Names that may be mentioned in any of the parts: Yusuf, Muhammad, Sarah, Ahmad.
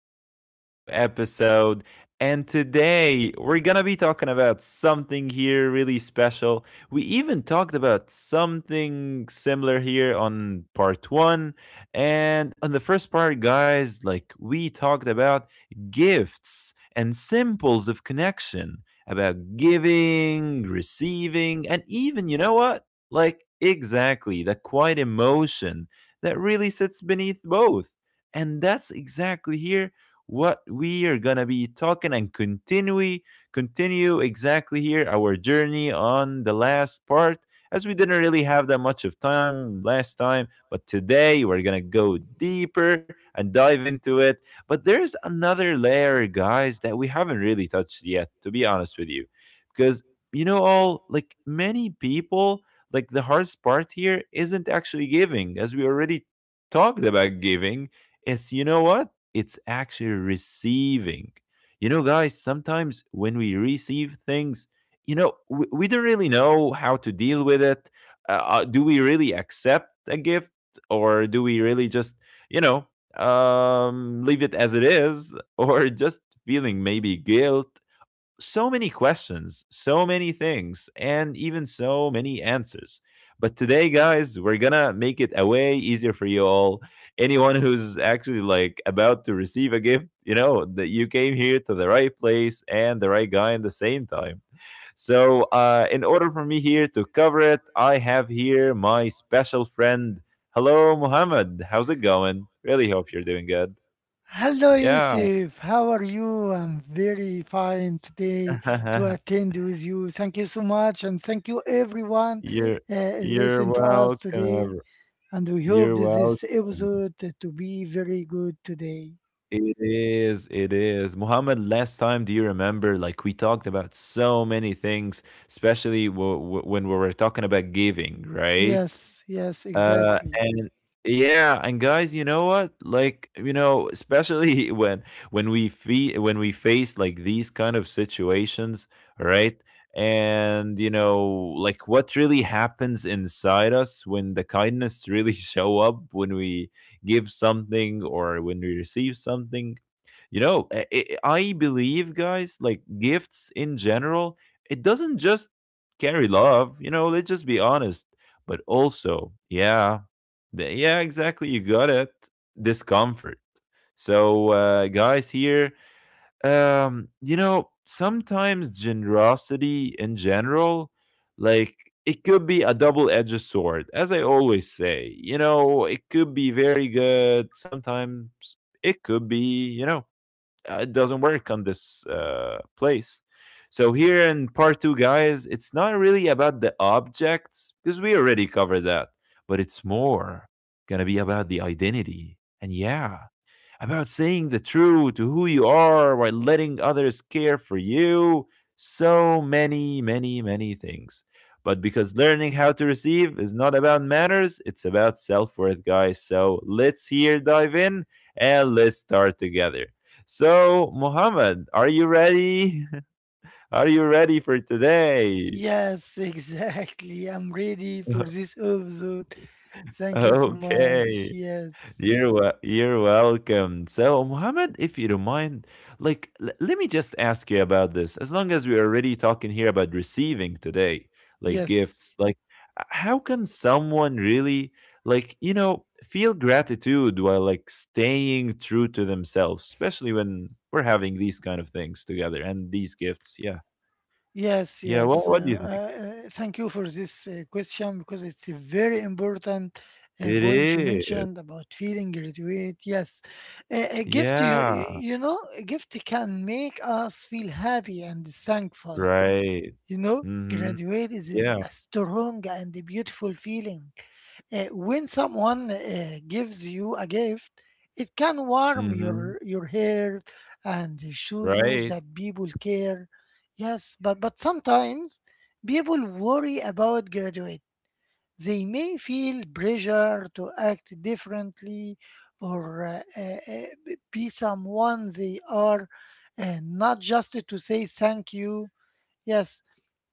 again in a new episode. And today we're gonna be talking about something here really special. We even talked about something similar here on part one. And on the first part, guys, like we talked about gifts and symbols of connection, about giving, receiving, and even, you know what? Like, exactly, the quiet emotion that really sits beneath both. And that's exactly here what we are gonna be talking and continue exactly here our journey on the last part, as we didn't really have that much of time last time, but today we're gonna go deeper and dive into it. But there's another layer, guys, that we haven't really touched yet, to be honest with you, because you know, all like many people, like the hardest part here isn't actually giving, as we already talked about giving. It's, you know what? It's actually receiving. You know, guys, sometimes when we receive things, you know, we don't really know how to deal with it. Do we really accept a gift, or do we really just, you know, leave it as it is or just feeling maybe guilt? So many questions, so many things, and even so many answers. But today, guys, we're gonna make it a way easier for you all. Anyone who's actually like about to receive a gift, you know, that you came here to the right place and the right guy at the same time. So, in order for me here to cover it, I have here my special friend. Hello, Mohammed. How's it going? Really hope you're doing good. Hello, Yeah. Yusuf. How are you? I'm very fine today to attend with you. Thank you so much, and thank you everyone You're you're listen to us today. welcome. And we hope You're this welcome. episode to be very good today. It is, it is. Muhammad, last time, do you remember? Like, we talked about so many things, especially when we were talking about giving, right? Yes, yes, Uh, exactly. and yeah, and guys, you know what? Like, you know, especially when we fe when we face like these kind of situations, right? And you know, like what really happens inside us when the kindness really show up, when we give something or when we receive something, you know, I believe, guys, like gifts in general, it doesn't just carry love. You know, let's just be honest. But also, yeah, the, yeah, exactly. You got it. Discomfort. So, guys, here, you know, sometimes generosity in general, like it could be a double-edged sword, as I always say. You know, it could be very good. Sometimes it could be, you know, it doesn't work on this place. So here in part two, guys, it's not really about the objects because we already covered that, but it's more gonna be about the identity. And yeah, about saying the truth to who you are while letting others care for you. So many, many, many things. But because learning how to receive is not about manners, it's about self worth, guys. So let's here dive in and let's start together. So, Muhammad, are you ready? Are you ready for today? Yes, exactly. I'm ready for this episode. Thank you so much. Okay. Yes, You're welcome. So, Mohammed, if you don't mind, like, let me just ask you about this. As long as we're already talking here about receiving today, like yes. gifts, like, how can someone really, like, you know, feel gratitude while, like, staying true to themselves, especially when we're having these kind of things together and these gifts? Yeah. Yes, Yeah. yes. What do you think? Thank you for this question, because it's a very important It point you is. mentioned about feeling graduate. Yes, a gift, you Yeah. you you know, a gift can make us feel happy and thankful. Right. You know, Mm hmm. graduate is Yeah. a strong and a beautiful feeling. When someone gives you a gift, it can Mm warm hmm. your heart and show you Right. that people care. Yes, but sometimes people worry about graduate. They may feel pressure to act differently or be someone they are, and not just to say thank you. Yes,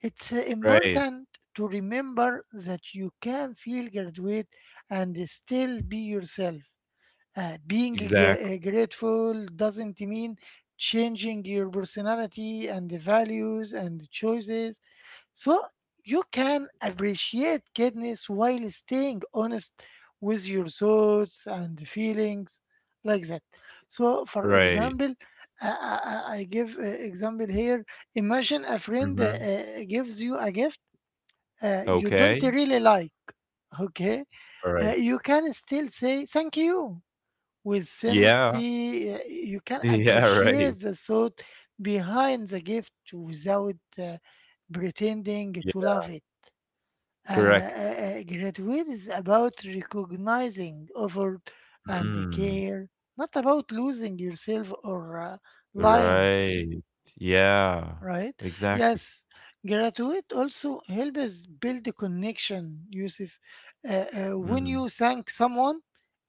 it's Right, important to remember that you can feel graduate and still be yourself. Uh, being g- exactly, uh, grateful doesn't mean changing your personality and the values and the choices. So you can appreciate kindness while staying honest with your thoughts and feelings like that. So for right, example, I give example here. Imagine a friend mhm, gives you a gift you don't okay, really like. Okay. Alright, You can still say thank you with yeah, sincerity. You can yeah, right, appreciate the thought behind the gift without pretending to yeah, love it. uh, uh, correct, Graduate is about recognizing effort and mm, care, not about losing yourself or lying, right, yeah, right? exactly, Yes, graduate also helps build a connection, Yusuf. When you mhm, thank someone,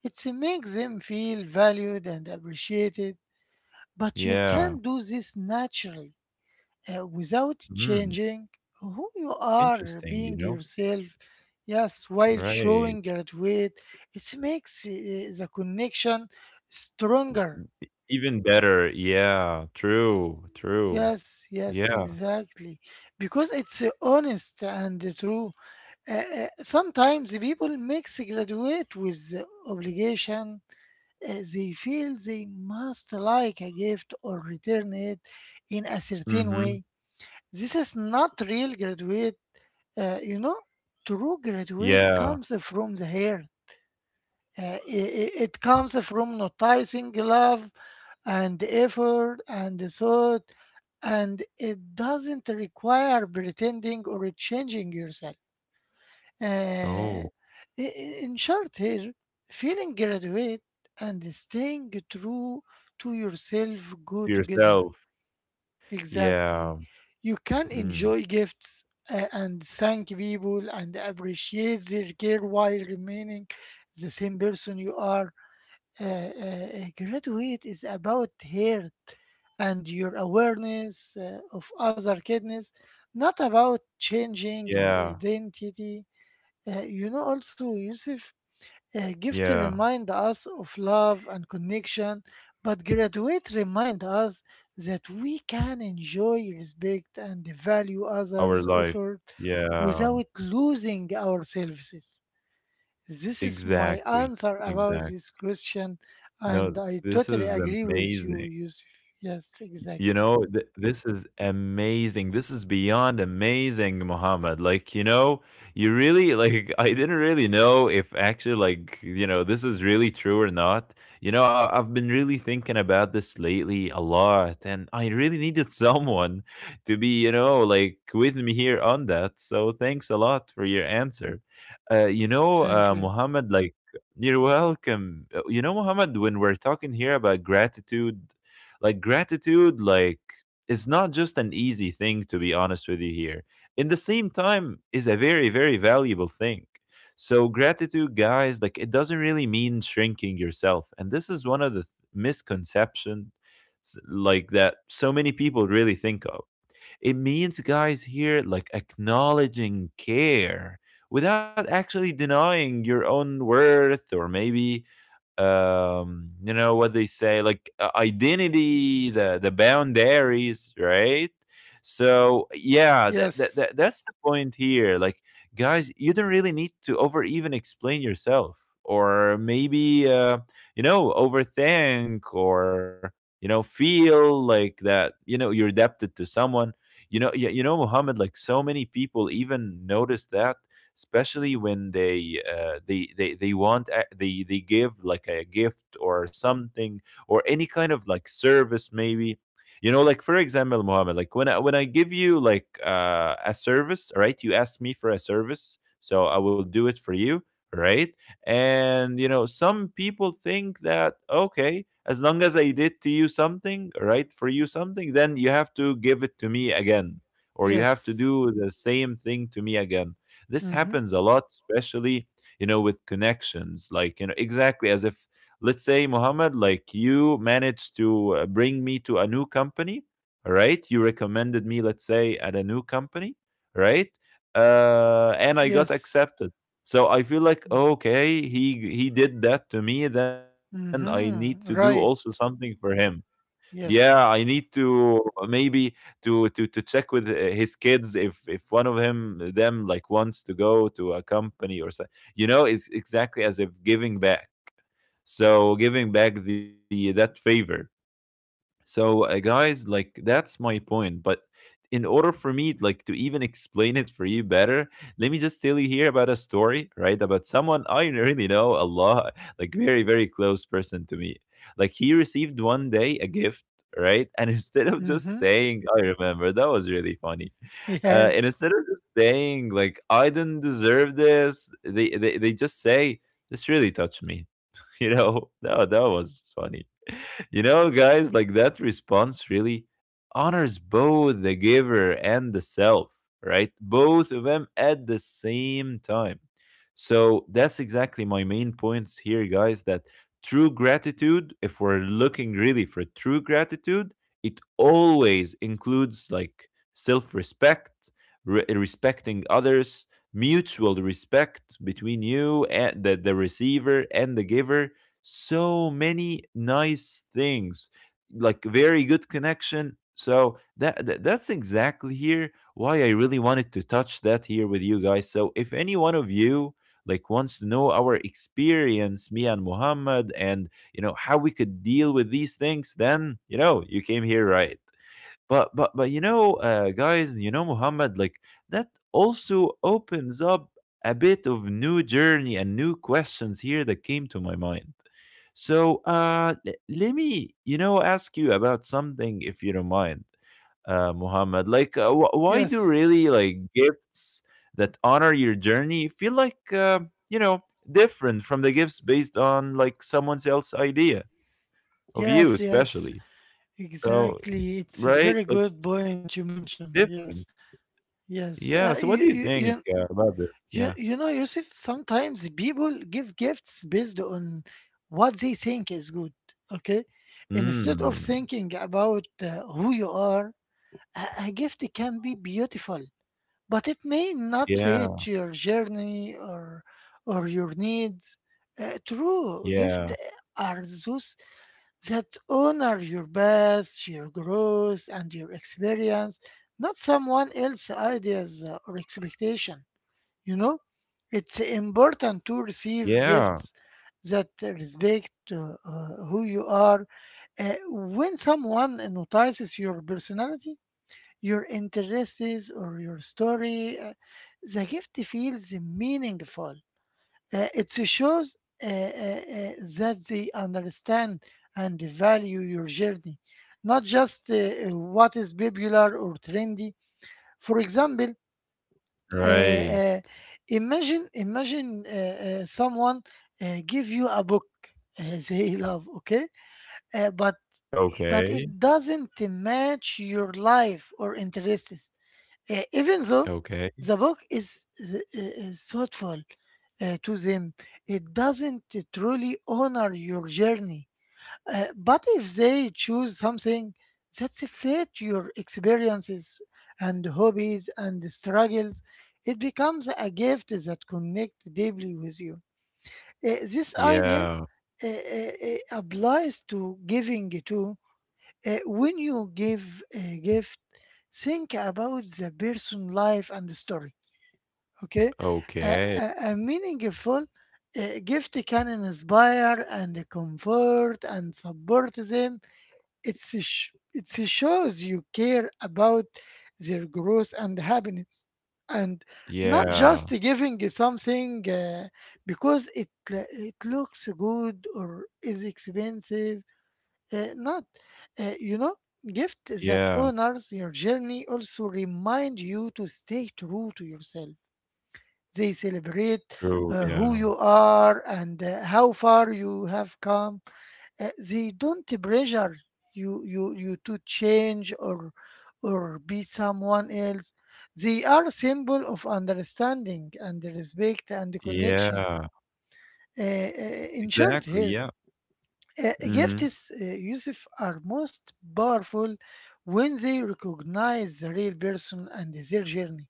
it makes them feel valued and appreciated, but you can yeah, do this naturally, without mm, changing who you are, interesting, being you know, yourself. Yes, while showing right, graduate, it makes the connection stronger. even better, yeah, true, true, Yes, yes, yeah, exactly, because it's honest and true. Sometimes the people mix graduate with the obligation. They feel they must like a gift or return it in a certain mhm, way. This is not real graduate. You know, true graduate yeah, comes from the heart. It comes from noticing love and effort and thought, and it doesn't require pretending or changing yourself. Uh, oh, i- in short, here, feeling graduate and staying true to yourself go to together. yourself, Exactly. yeah, You can mm, enjoy gifts and thank people and appreciate their care while remaining the same person you are. Graduate is about heart and your awareness of other kindness, not about changing yeah, your identity. You know, also, Yusuf, gift yeah, remind us of love and connection, but graduate remind us that we can enjoy, respect, and value our others' life, effort yeah. without losing ourselves. This is my Exactly, answer about exactly. this question, and No, I this totally is agree with you, amazing. Yusuf. Yes, You exactly. know, th this is amazing. This is beyond amazing, Muhammad. Like, you know, you really like I didn't really know if actually like, you know, this is really true or not. You know, I've been really thinking about this lately a lot, and I really needed someone to be, you know, like with me here on that. So thanks a lot for your answer. You know, Thank you. Muhammad, like you're welcome. You know, Muhammad, when we're talking here about gratitude, like is not just an easy thing, to be honest with you here. In the same time, is a very very valuable thing. So gratitude, guys, like it doesn't really mean shrinking yourself, and this is one of the misconceptions like that so many people really think of. It means, guys, here like acknowledging care without actually denying your own worth, or maybe, you know what they say, like identity, the boundaries, right? So yeah, that, Yes, that's the point here. Like, guys, you don't really need to over even explain yourself, or maybe you know, overthink, or you know, feel like that, you know, you're adapted to someone. You know, you know, Muhammad, like so many people even notice that, especially when they they want they give like a gift or something, or any kind of like service, maybe. You know, like for example, Mohammed, like when I give you like a service, all right? You ask me for a service, so I will do it for you, right? And you know, some people think that, okay, as long as I did to you something, all right, for you something, then you have to give it to me again, or you have to yes, do the same thing to me again. This mm-hmm. happens a lot, especially, you know, with connections. Like, you know, exactly as if, let's say, Mohammed, like you managed to bring me to a new company, all right? You recommended me, let's say, at a new company, right? And I got Yes, accepted. So I feel like, okay, he did that to me. Then I need to do mm-hmm. also Right, something for him. Yeah, yes, I need to maybe to check with his kids, if one of him them like wants to go to a company or so. You know, it's exactly as if giving back. So giving back the that favor. So, guys, like that's my point. But in order for me, like, to even explain it for you better, let me just tell you here about a story, right? About someone I really know a lot, like very, very close person to me. Like he received one day a gift, right? And instead of just mm-hmm. saying, "I remember," that was really funny. And Yes. instead of just saying like, "I didn't deserve this," they just say, "This really touched me." You know, that that was funny. You know, guys, like that response really honors both the giver and the self, right? Both of them at the same time. So that's exactly my main points here, guys, that true gratitude, if we're looking really for true gratitude, it always includes like self respect, respecting others, mutual respect between you and the receiver and the giver, so many nice things, like very good connection. So that, that's exactly here why I really wanted to touch that here with you guys. So if any one of you like wants to know our experience, me and Muhammad, and you know how we could deal with these things, then you know you came here right. But you know, guys, you know, Muhammad, like that also opens up a bit of new journey and new questions here that came to my mind. So let me, you know, ask you about something if you don't mind, Muhammad. Like, why do Yes, really like gifts that honor your journey feel like you know, different from the gifts based on like someone else's idea of you, yes, especially? yes, So exactly. right, It's a like very good point you mentioned. different. Yes, yes. Yeah, so Uh, what do you you, you, think, you, about this? Yeah. you, you know, Yusuf, sometimes people give gifts based on what they think is good, okay? Instead Mm, of thinking about who you are, a gift can be beautiful, but it may not fit yeah, your journey or your needs. True yeah, gift are those that honor your past, your growth, and your experience, not someone else's ideas or expectation. You know, it's important to receive yeah, gifts that respect who you are. When someone notices your personality, your interests, or your story, the gift feels meaningful. It shows uh, uh, uh, that they understand and value your journey, not just what is popular or trendy. For example, uh, right. uh, imagine imagine someone give you a book they love, okay, uh, but Okay, but it doesn't match your life or interests. Even though okay, the book is thoughtful to them, it doesn't truly honor your journey. But if they choose something that fits your experiences and hobbies and struggles, it becomes a gift that connects deeply with you. This idea yeah, applies to giving too. When you give a gift, think about the person' life and story. Okay, a, okay, a, a meaningful gift can inspire and comfort and support them. It shows you care about their growth and happiness, and not just yeah, giving something because it looks good or is expensive. Not, you know, Gift that yeah, honors your journey also remind you to stay true to yourself. They celebrate true, who yeah, you are and how far you have come. They don't pressure you to change or be someone else. They are symbol of understanding and respect and connection. yeah, In short, exactly, here, yeah, mhm, gifts, Yusuf, are most powerful when they recognize the real person and their journey.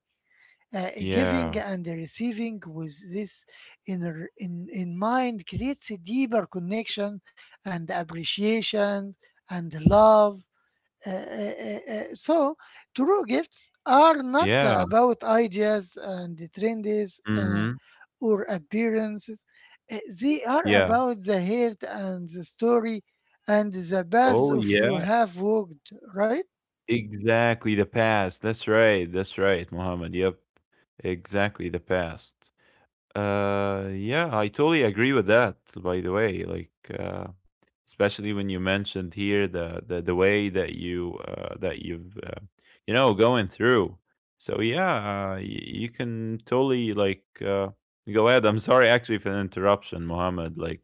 Giving yeah, and receiving with this inner in mind creates a deeper connection and appreciation and love. So, true gifts are not yeah, about ideas and trends mhm, or appearances. They are yeah, about the heart and the story and the path oh, of you yeah, have walked, right? exactly, the past, that's right, Muhammad. Yep, exactly, the past. Yeah, I totally agree with that, by the way. Like, uh, especially when you mentioned here the way that you that you've you know, going through. So yeah, you can totally like go ahead. I'm sorry actually for the interruption, Mohammed. Like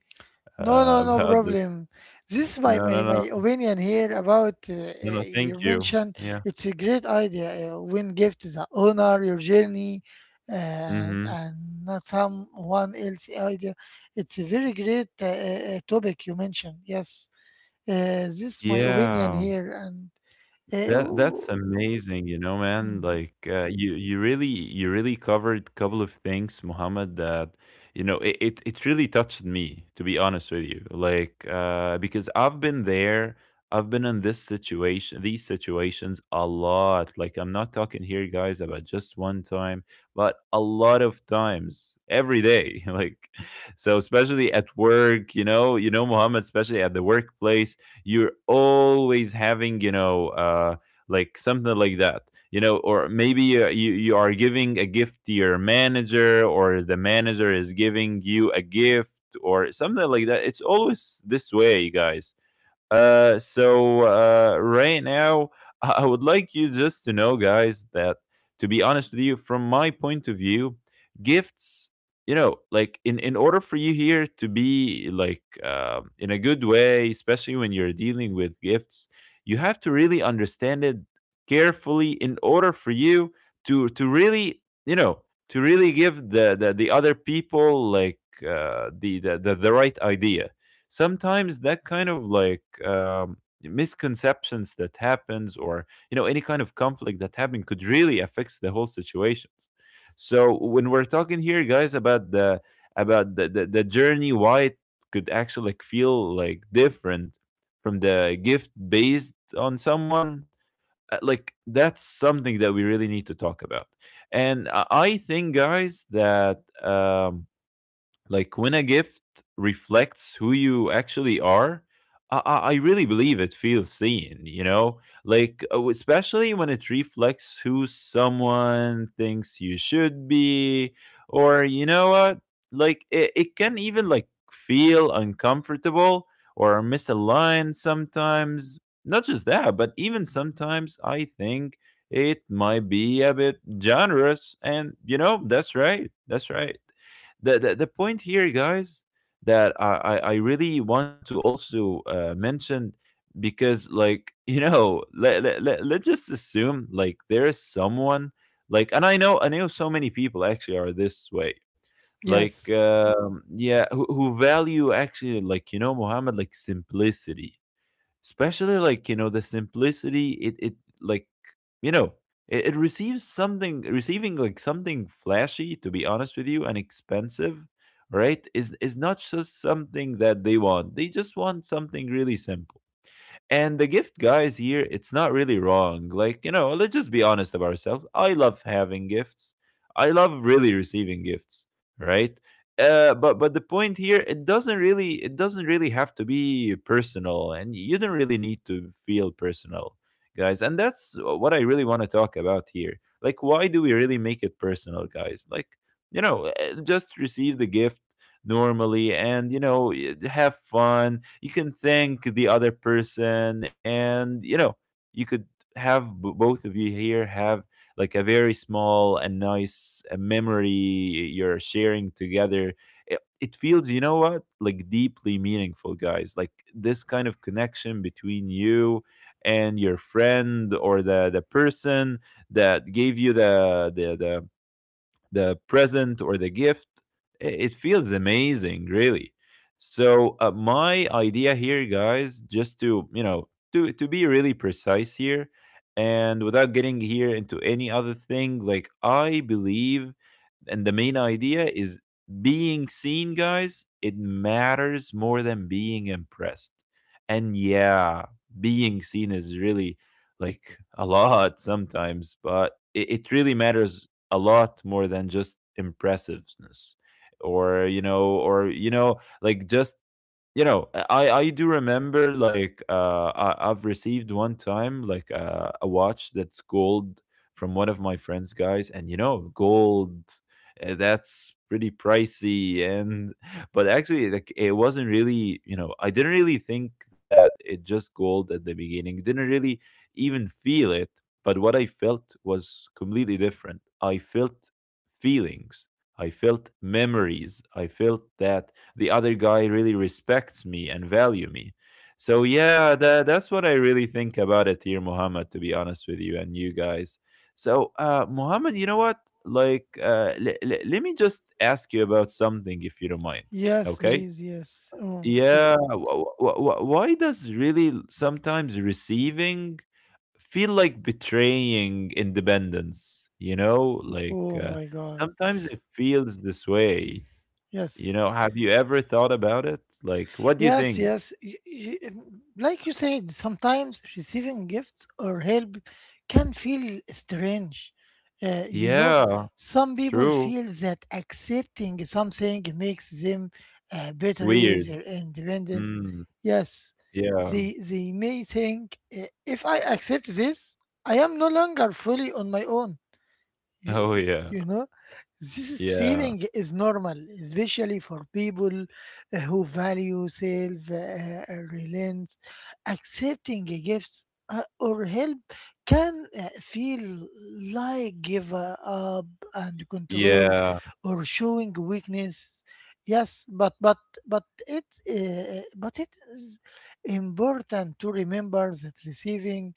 No, no, no about this. problem. This is my, No, my, no, my no, opinion here about no, no. Thank your you. mention. Yeah. It's a great idea when gift the honor, your journey, Mm-hmm. and not someone else idea. It's a very great topic you mentioned. Yes, this is my opinion Yeah. here. And That that's oh, amazing, you know, man. mhm. Like you you really covered a couple of things, Muhammad, that you know, it really touched me, to be honest with you. Like because I've been there, I've been in this situation, these situations a lot. Like I'm not talking here, guys, about just one time, but a lot of times every day. Like so especially at work, you know, Muhammad, especially at the workplace, you're always having, like something like that, you know, or maybe you are giving a gift to your manager, or the manager is giving you a gift or something like that. It's always this way, guys. Right now, I would like you just to know, guys, that to be honest with you, from my point of view, gifts, you know, like, in order for you here to be like, in a good way, especially when you're dealing with gifts, you have to really understand it carefully in order for you to really, you know, to really give the other people like the right idea. Sometimes that kind of like, misconceptions that happens, or you know, any kind of conflict that happen, could really affects the whole situations. So when we're talking here, guys, about the about the journey, why it could actually like feel like different from the gift based on someone, like that's something that we really need to talk about. And I think, guys, that like when a gift reflects who you actually are, I really believe it feels seen, you know, like especially when it reflects who someone thinks you should be, or you know what, like it can even like feel uncomfortable or misaligned sometimes. Not just that, but even sometimes I think it might be a bit generous, and you know, that's right, that's right. The point here, guys, that I really want to also mention, because like you know, let's just assume like there is someone, like, and I know so many people actually are this way, like Yes, yeah, who value actually like, you know, Muhammad, like simplicity, especially like, you know, the simplicity it it like, you know, it receives something, receiving like something flashy, to be honest with you, and expensive, right, is not just something that they want. They just want something really simple. And the gift, guys, here, it's not really wrong. Like, you know, let's just be honest about ourselves. I love having gifts. I love really receiving gifts, right? But the point here, it doesn't really, it doesn't really have to be personal, and you don't really need to feel personal, guys. And that's what I really want to talk about here. Like, why do we really make it personal, guys? Like, you know, just receive the gift normally, and you know, have fun, you can thank the other person, and you know, you could have both of you here have like a very small and nice memory you're sharing together. It feels, you know what, like deeply meaningful, guys, like this kind of connection between you and your friend or the person that gave you the the present or the gift. I- it feels amazing, really. So my idea here, guys, just to you know, to be really precise here and without getting here into any other thing, like I believe, and the main idea is being seen, guys. It matters more than being impressed. And yeah, being seen is really like a lot sometimes, but it really matters a lot more than just impressiveness, or you know like just you know, I do remember like I've received one time like a watch that's gold from one of my friends, guys. And you know, gold, that's pretty pricey, and but actually like it wasn't really, you know, I didn't really think that it just gold at the beginning, didn't really even feel it. But what I felt was completely different. I felt feelings, I felt memories, I felt that the other guy really respects me and value me. So yeah, that that's what I really think about it here, Muhammad. To be honest with you and you guys. So Muhammad, you know what? Like, let me just ask you about something, if you don't mind. yes, Okay. please, yes. Oh, okay. Yeah. Why does really sometimes receiving feel like betraying independence? You know, like Oh my God. sometimes it feels this way. You Yes. know, have you ever thought about it? Like, what do you Yes, think? yes. Like you said, sometimes receiving gifts or help can feel strange. You know, Yeah, some people true. feel that accepting something makes them better, Weird. easier, independent. Mm, Yes, yeah. they may think, if I accept this, I am no longer fully on my own. you, Oh, you yeah. you know, this Yeah. feeling is normal, especially for people who value self reliance. Accepting gifts or help can feel like give up and control, Yeah. or showing weakness. Yes, but it is important to remember that receiving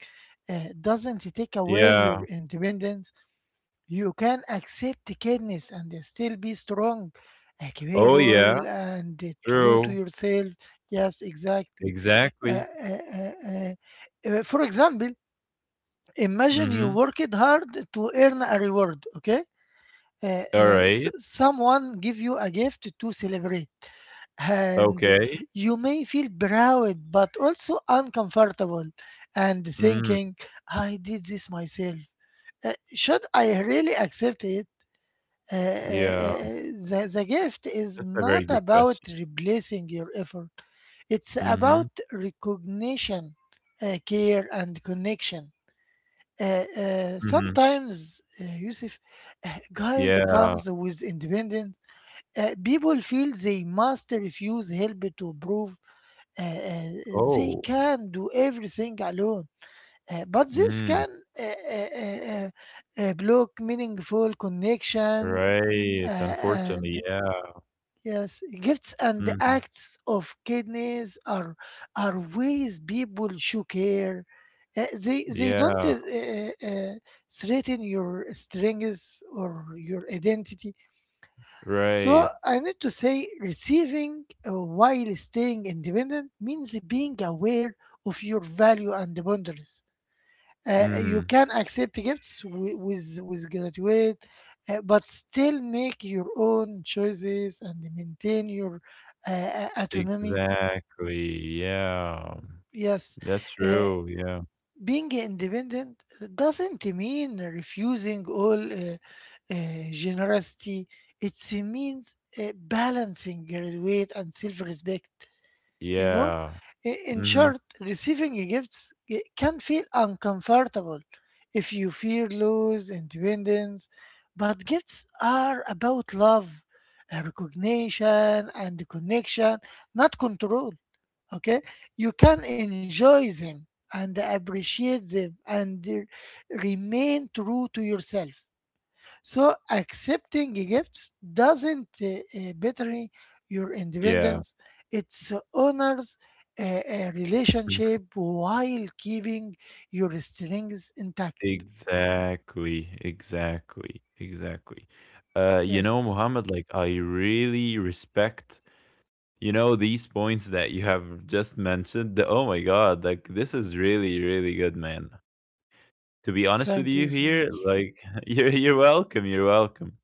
doesn't take away Yeah. your independence. You can accept kindness and still be strong, Oh, yeah. capable, and true to True. yourself. Yes, exactly. Uh, Exactly. uh, uh, uh, for example, imagine you Mm-hmm. worked hard to earn a reward, okay? Uh, All right. Someone give you a gift to celebrate, and Okay. you may feel proud but also uncomfortable, and Mm, thinking, I did this myself. Should I really accept it? Uh, uh, uh, yeah. uh, the gift is That's a not very good about question. replacing your effort, it's about Mm-hmm. recognition, care, and connection. Mm-hmm. Sometimes, Yusuf, guilt Yeah. comes with independence. People feel they must refuse help to prove uh, uh, they Oh. can do everything alone. But this Mm, can uh, uh, uh, uh, block meaningful connections, right. uh, Unfortunately, and yeah. yes, gifts and Mm-hmm. acts of kindness are ways people show care. They don't Yeah. Threaten your strengths or your identity. Right. So I need to say, receiving while staying independent means being aware of your value and boundaries. You Mm-hmm. can accept gifts with graduate, but still make your own choices and maintain your autonomy. Exactly, yeah. Yes, That's uh, true, yeah. being independent doesn't mean refusing all generosity. It means balancing graduate and self-respect. you know Yeah. I- in short, Mhm. receiving gifts can feel uncomfortable if you fear lose independence, but gifts are about love, recognition, and connection, not control. Okay, you can enjoy them and appreciate them and remain true to yourself. So accepting gifts doesn't better your Yeah. independence. It so honors a Mhm. relationship while keeping your strings intact. Exactly, exactly, exactly. You know, Yes. Mohammed, like, I really respect, you know, these points that you have just mentioned. The- Oh my God, like, this is really, really good, man. To be honest with Thank you you so here, much. like, you're welcome, you're welcome.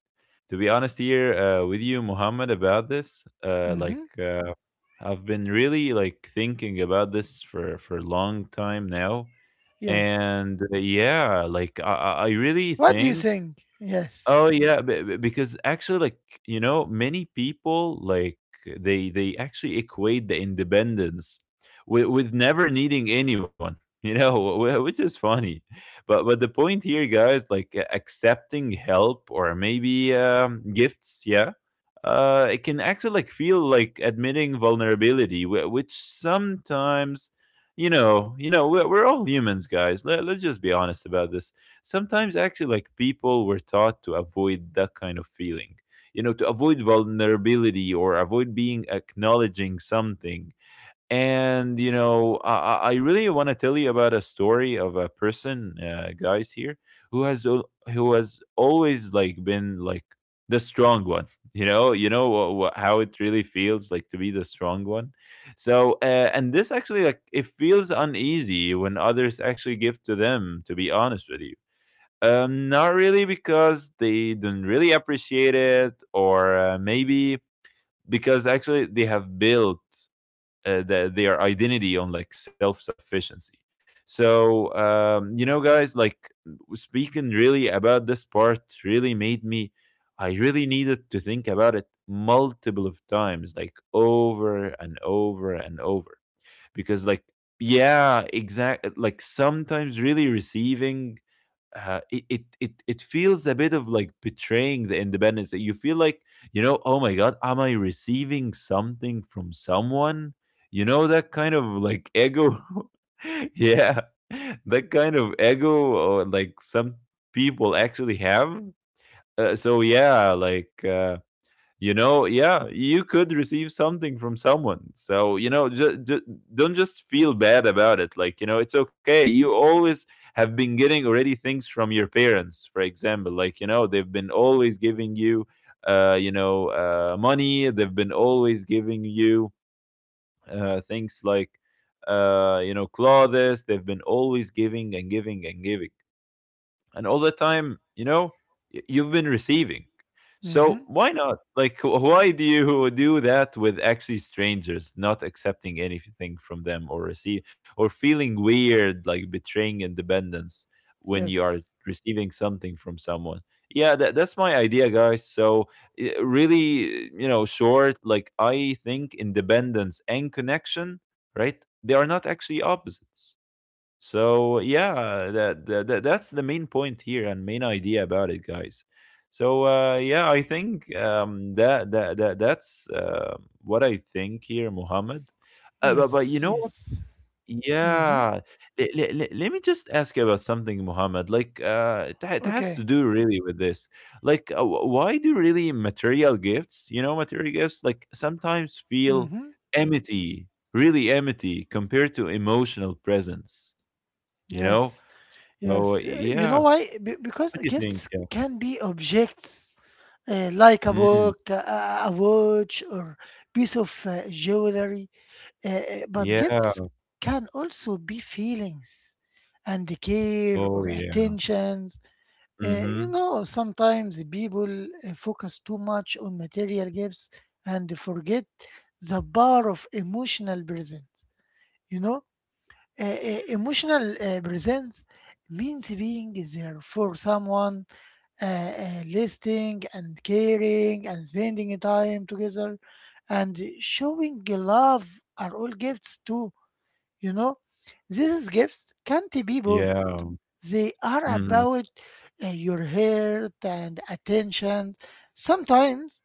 To be honest here with you, Muhammad, about this Mm-hmm. I've been really like thinking about this for a long time now. Yes. And yeah, like I really What do you think, think? Yes. oh yeah, because actually, like, you know, many people like they actually equate the independence with never needing anyone, you know, which is funny. But the point here, guys, like accepting help or maybe gifts, yeah, it can actually like feel like admitting vulnerability, which sometimes, you know, we're all humans, guys. Let's just be honest about this. Sometimes actually like people were taught to avoid that kind of feeling, you know, to avoid vulnerability or avoid being acknowledging something. And you know, I really want to tell you about a story of a person, guys, here, who has who has always like been like the strong one. You know, you know, how it really feels like to be the strong one. So and this actually like it feels uneasy when others actually give to them, to be honest with you. Not really because they don't really appreciate it, or maybe because actually they have built their identity on like self sufficiency. So, you know, guys, like speaking really about this part really made me, I really needed to think about it multiple of times, like over and over and over. Because, like, yeah, exactly, like sometimes really receiving it feels a bit of like betraying the independence that you feel like. You know, oh my god, am I receiving something from someone? You know, that kind of like ego. Yeah, that kind of ego, or like some people actually have. So yeah, like you know, yeah, you could receive something from someone, so you know, don't just feel bad about it. Like, you know, it's okay, you always have been getting already things from your parents, for example. Like, you know, they've been always giving you you know, money. They've been always giving you things, like you know, clothes. They've been always giving and giving and giving, and all the time, you know, you've been receiving. So Mm-hmm. why not? Like, why do you do that with actually strangers, not accepting anything from them or receive, or feeling weird, like betraying independence when you are Yes. receiving something from someone? Yeah, that, that's my idea, guys. So really, you know, short. Like, I think independence and connection, right? They are not actually opposites. So yeah, that, that's the main point here and main idea about it, guys. So yeah, I think that that's what I think here, Muhammad. But you Yes. know what? Yes. Mm-hmm. Yeah, let me just ask you about something, Muhammad. Like it has to Okay. do really with this. Like, why do really material gifts, you know, material gifts, like sometimes feel Mm-hmm. empty, really empty, compared to emotional presence? You know? Yes. So, Yes, yeah. you know why? Be- What because do you the think? gifts Yeah. can be objects like a Mhm. book, a watch, or piece of jewelry. Uh, uh, but Yeah. gifts can also be feelings and care or Oh, yeah. attentions. You Mhm. know, sometimes people focus too much on material gifts and forget the power of emotional presence. You know, emotional presence means being there for someone, uh, listening and caring and spending time together, and showing love are all gifts too. You know, these gifts can't be bought. Yeah. They are Mhm. about your heart and attention. Sometimes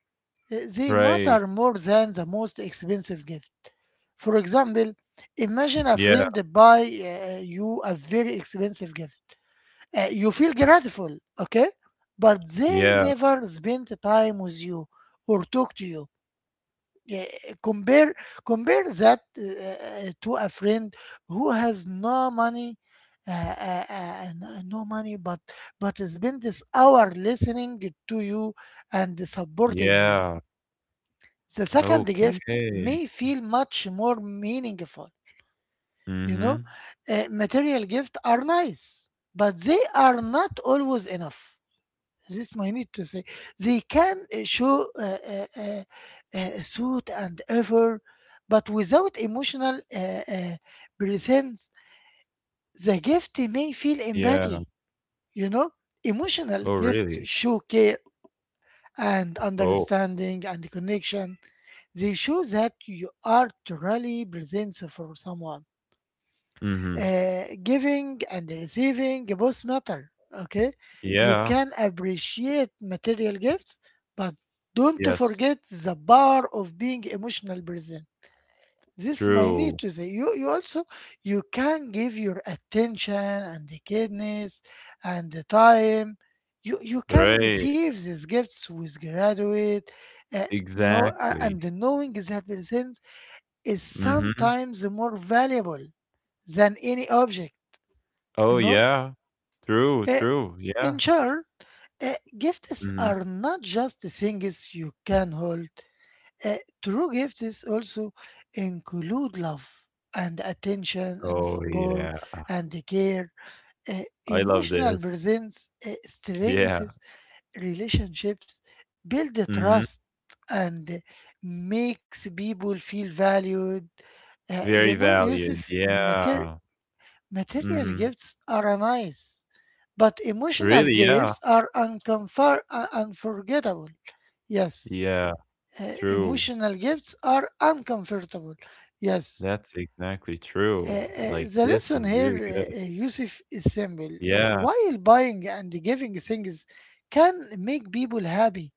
they matter Right. more than the most expensive gift. For example, imagine a friend Yeah. buy you a very expensive gift. You feel grateful, okay? But they Yeah. never spent time with you or talk to you. Yeah, compare compare that to a friend who has no money, and, no money, but spent this hour listening to you and supporting you. Yeah. The second Okay. gift may feel much more meaningful. You know, Mhm. Material gifts are nice, but they are not always enough. This I need to say. They can show thought and effort, but without emotional uh, presence, the gift may feel Yeah. empty. You know, emotional Oh, gifts really? show care and Oh. understanding and connection. They show that you are truly present for someone. Mhm. Giving and receiving both matter. Okay, you Yeah. can appreciate material gifts, but don't Yes. forget the power of being emotional person. This my need True. to say. You also you can give your attention and the kindness and the time. You can Right. receive these gifts with graduate. Uh, no, and Exactly. knowing that presence is Mhm. sometimes more valuable than any object, you Oh, know. yeah. True, Uh, true. in Yeah. short, gifts Mhm. are not just the things you can hold. Uh, True gifts also include love and attention and Oh, yeah. support and the care. I love Emotional this. presence Yeah. strengthens relationships, builds Mhm. trust, and makes people feel valued. You Very know, valued, Yusuf, yeah, material mhm. gifts are nice, but emotional Really, yeah, gifts are unforgettable. Yes, yeah, true. emotional gifts are uncomfortable. Yes. That's exactly true, like, The this lesson is here, really good. Yusuf, is simple. Yeah, While buying and giving things can make people happy,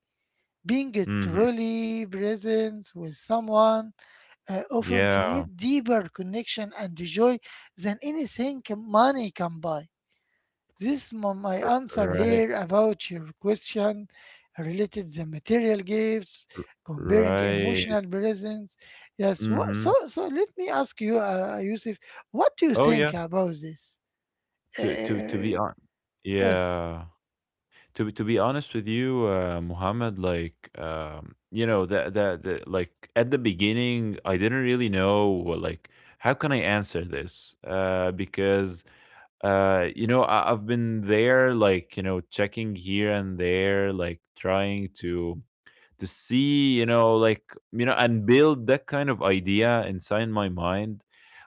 being mhm, truly present with someone often yeah, create deeper connection and joy than anything money can buy. This is my answer right, here about your question related the material gifts, comparing right, emotional presence. Yes. What, so mhm. so let me ask you, Yusuf, what do you Oh, think yeah, about this? Uh, uh, to be uh, hon yes. yeah, to be honest with you, Muhammad, like, that that that like, at the beginning, I didn't really know, like, how can I answer this? Because I've been there, like, checking here and there, like, trying to see, like, and build that kind of idea inside my mind.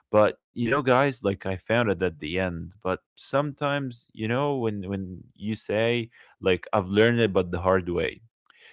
But guys, like, I found it at the end. But sometimes when you say, like, I've learned it, but the hard way.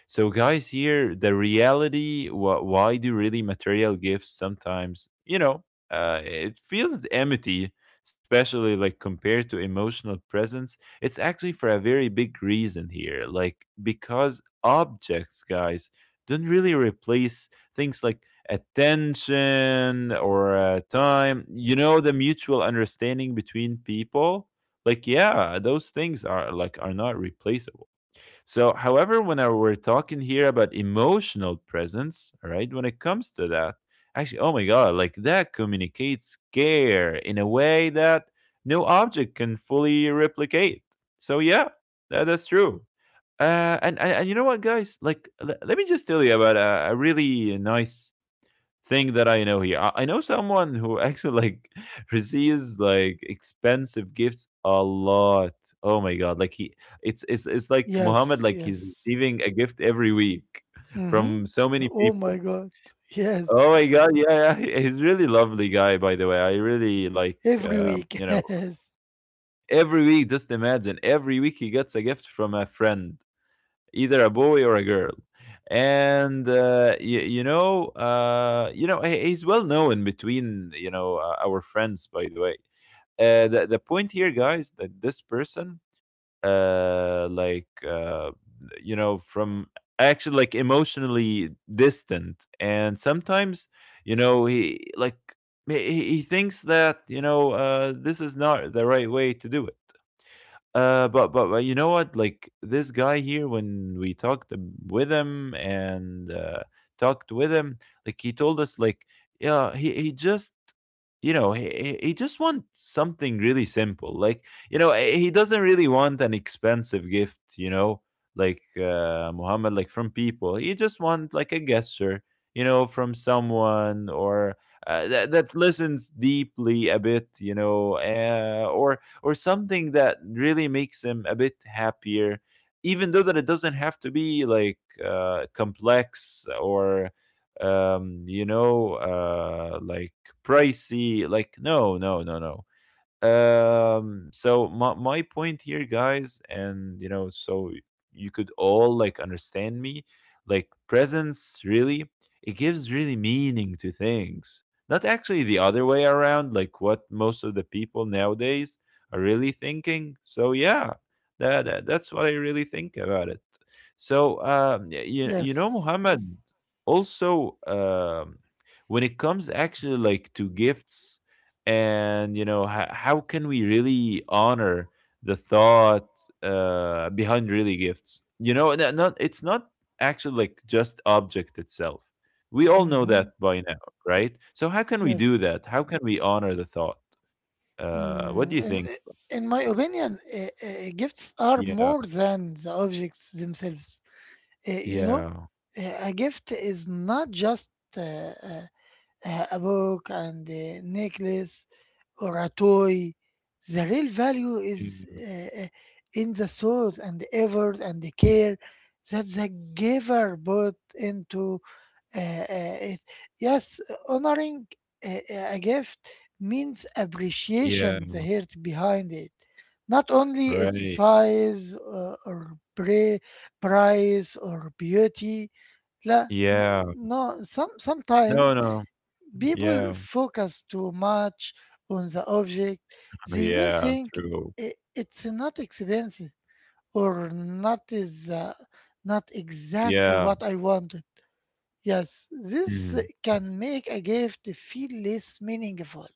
So, guys, here the reality, why do really material gifts sometimes, it feels empty, especially like compared to emotional presence. It's actually for a very big reason here, like, because objects, guys, don't really replace things like attention or time, the mutual understanding between people. Like, yeah, those things are like are not replaceable. So, however, whenever we're talking here about emotional presence, all right, when it comes to that, actually, oh my God, like, that communicates care in a way that no object can fully replicate. So, yeah, that's true. And you know what, guys? Like, let me just tell you about a really nice thing that I know here. I know someone who actually, like, receives, like, expensive gifts a lot. Oh my God! Like, it's like Muhammad. Yes. Like, he's Yes. receiving a gift every week from so Mm-hmm. many Oh my people. God. Yes. Oh my God! Yeah, yeah. He's really lovely guy. By the way, I really like. Every Uh, week. you know, yes. every week. Just imagine every week he gets a gift from a friend, either a boy or a girl. And he's well known between our friends, by the way. The point here, guys, that this person, like, from actually, like, emotionally distant, and sometimes he, like, he thinks that this is not the right way to do it. But you know what? Like, this guy here, when we talked with him and talked with him, like, he told us, like, yeah, he just he just wants something really simple. Like, he doesn't really want an expensive gift. Like, Muhammad, like, from people. He just want like a gesture. From someone or that listens deeply a bit. Or something that really makes them a bit happier, even though that it doesn't have to be like, complex or, like, pricey. Like, no, no, no, no. So, my point here, guys, and so, you could all like understand me, like, presence really, it gives really meaning to things, not actually the other way around, like what most of the people nowadays are really thinking. So, yeah, that's what I really think about it. So, you know, Yes. Muhammad, also, when it comes actually like to gifts, and how can we really honor the thought behind really gifts, and not, it's not actually like just object itself. We all know Mm-hmm. that by now, right? So how can we do Yes. that? How can we honor the thought? What do Mm, you in, think? in my opinion, gifts are Yeah. more than the objects themselves. You know, Yeah. A gift is not just uh, uh, a book and a necklace or a toy. The real value is Mm, in the thought and the effort and the care that the giver put into it, yes, honoring a, a gift means yeah. appreciation the heart behind it, not only its Right. size or price or beauty. La, n- Yeah. no, No, sometimes no. people Yeah. focus too much on the object. They may Yeah. think True. It's not expensive or not is not exactly Yeah, what I want. Yes, this mhm, can make a gift feel less meaningful.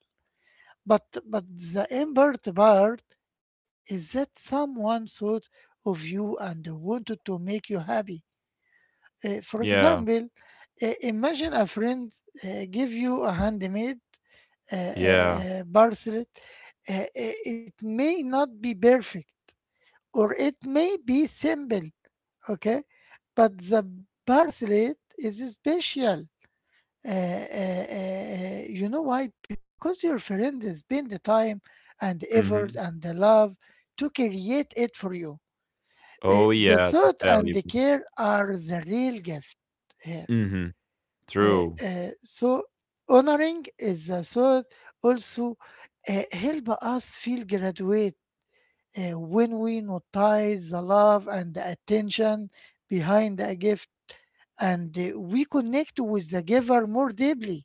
But but the important part is that someone thought of you and wanted to make you happy. For yeah, example, imagine a friend give you a handmade uh, uh, yeah, bracelet. Uh, uh, it may not be perfect, or it may be simple. Okay, but the bracelet is special. You know why? Because your friend has been the time and the effort mhm. and the love to create it for you. Oh, The yeah, that's thought and the valuable. care are the real gift here. Mhm, true, So honoring is the thought also help us feel graduate when we notice the love and the attention behind a gift and we connect with the giver more deeply.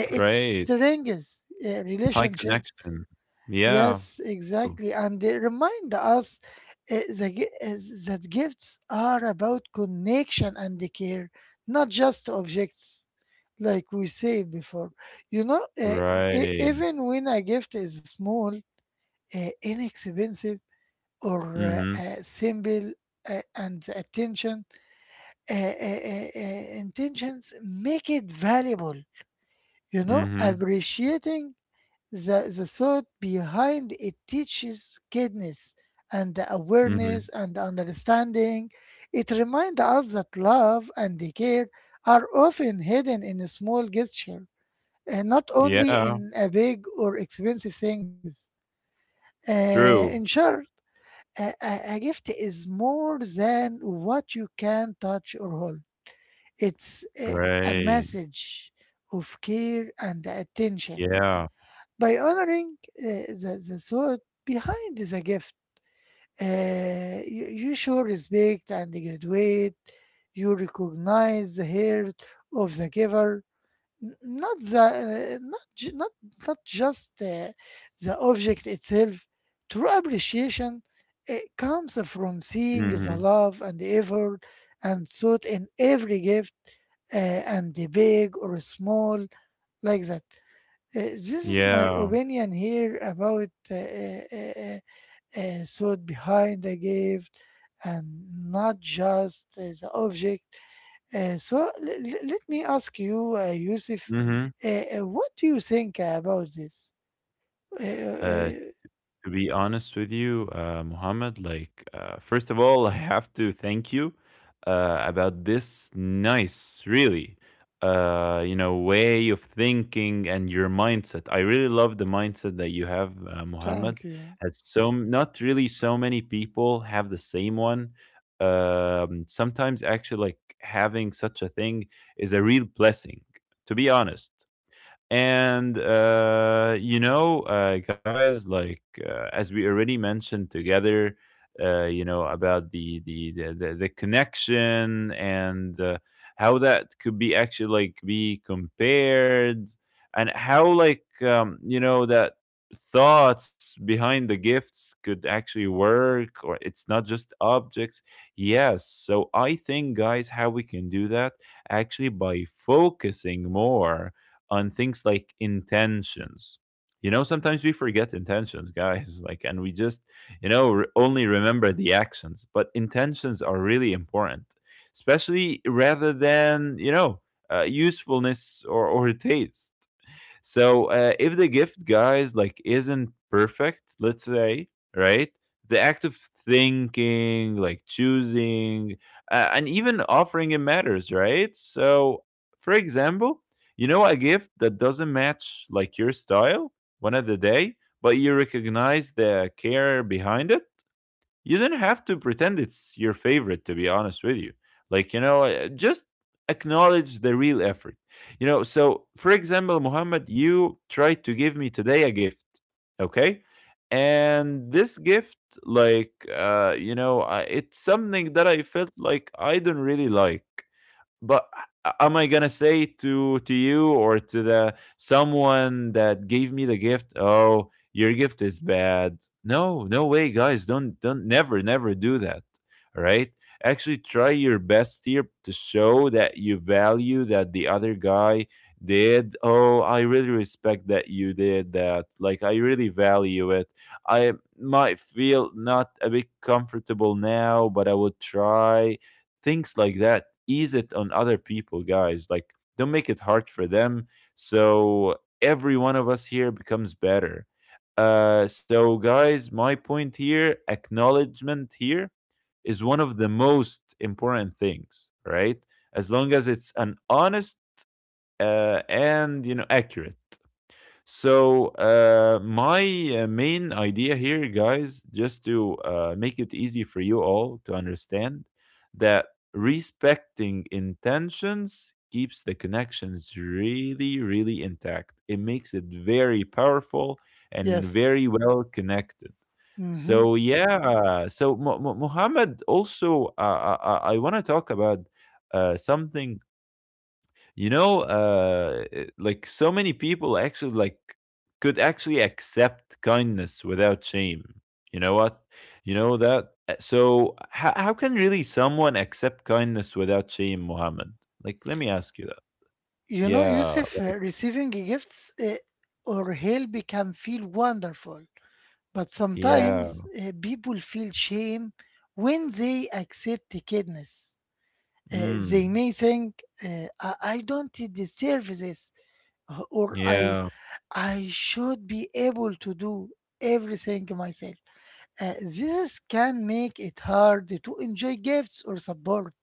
It right, strengthens high relationships. connection. Yeah, Yes, r exactly. And they remind us uh, the gi- uh, that gifts are about connection and the care, not just objects, like we said before. You know, right, even when a gift is small, inexpensive, or mhm, simple, and the attention, intentions make it valuable. You know, mhm, appreciating the thought behind it teaches kindness and the mhm. awareness and the understanding. It reminds us that love and the care are often hidden in a small gesture, and not only Yeah, in a big or expensive things. In true, short, a gift is more than what you can touch or hold. It's a right, message of care and attention yeah, by honoring the thought behind the gift. You you show respect and graduate. You recognize the heart of the giver, n- not the not ju- not not just the object itself. True appreciation it comes from seeing the mhm, love and effort and thought in every gift, uh, and the big or small, like that. This is my yeah, opinion here about thought behind the gift and not just the object. So let me ask you, Yusuf, mhm. uh, what do you think about this? Uh, Uh uh, To be honest with you, Muhammad, like, first of all, I have to thank you about this nice, really, way of thinking and your mindset. I really love the mindset that you have, Muhammad. Thank you. Not really so many people have the same one. Sometimes, actually, like having such a thing is a real blessing. To be honest. And guys, like, as we already mentioned together, about the connection, and how that could be actually like be compared, and how, like, that thoughts behind the gifts could actually work, or it's not just objects. Yes, so I think, guys, how we can do that, actually by focusing more on things like intentions. Sometimes we forget intentions, guys, like, and we just only remember the actions. But intentions are really important, especially rather than usefulness or taste. So, if the gift, guys, like, isn't perfect, let's say, right? The act of thinking, like, choosing, and even offering it, matters, right? So, for example, a gift that doesn't match like your style one of the day, but you recognize the care behind it. You don't have to pretend it's your favorite, to be honest with you. Like, just acknowledge the real effort. So, for example, Muhammad, you tried to give me today a gift. Okay, and this gift, like, it's something that I felt like I don't really like. But am I gonna say to you, or to the someone that gave me the gift, "Oh, your gift is bad"? No, no way, guys. Don't never never do that. All right. Actually, try your best here to show that you value that the other guy did. Oh, I really respect that you did that. Like, I really value it. I might feel not a bit comfortable now, but I will try. Things like that ease it on other people, guys. Like, don't make it hard for them. So every one of us here becomes better. So, guys, my point here, acknowledgement here is one of the most important things, right? As long as it's an honest and accurate. So, my main idea here, guys, just to make it easy for you all to understand that respecting intentions keeps the connections really, really intact. It makes it very powerful and very Yes. well connected. Hmm. So, yeah, so Muhammad, also, I want to talk about something. Like, so many people actually like could actually accept kindness without shame. You know what? You know that Uh, so how, can really someone accept kindness without shame, Mohammed? Like, let me ask you that. You know, Yeah, Yusuf, like, receiving gifts or help can feel wonderful. But yeah. sometimes people feel shame when they accept kindness. They Mm, may think, uh, I don't deserve this, or yeah. I should be able to do everything myself. This can make it hard to enjoy gifts or support.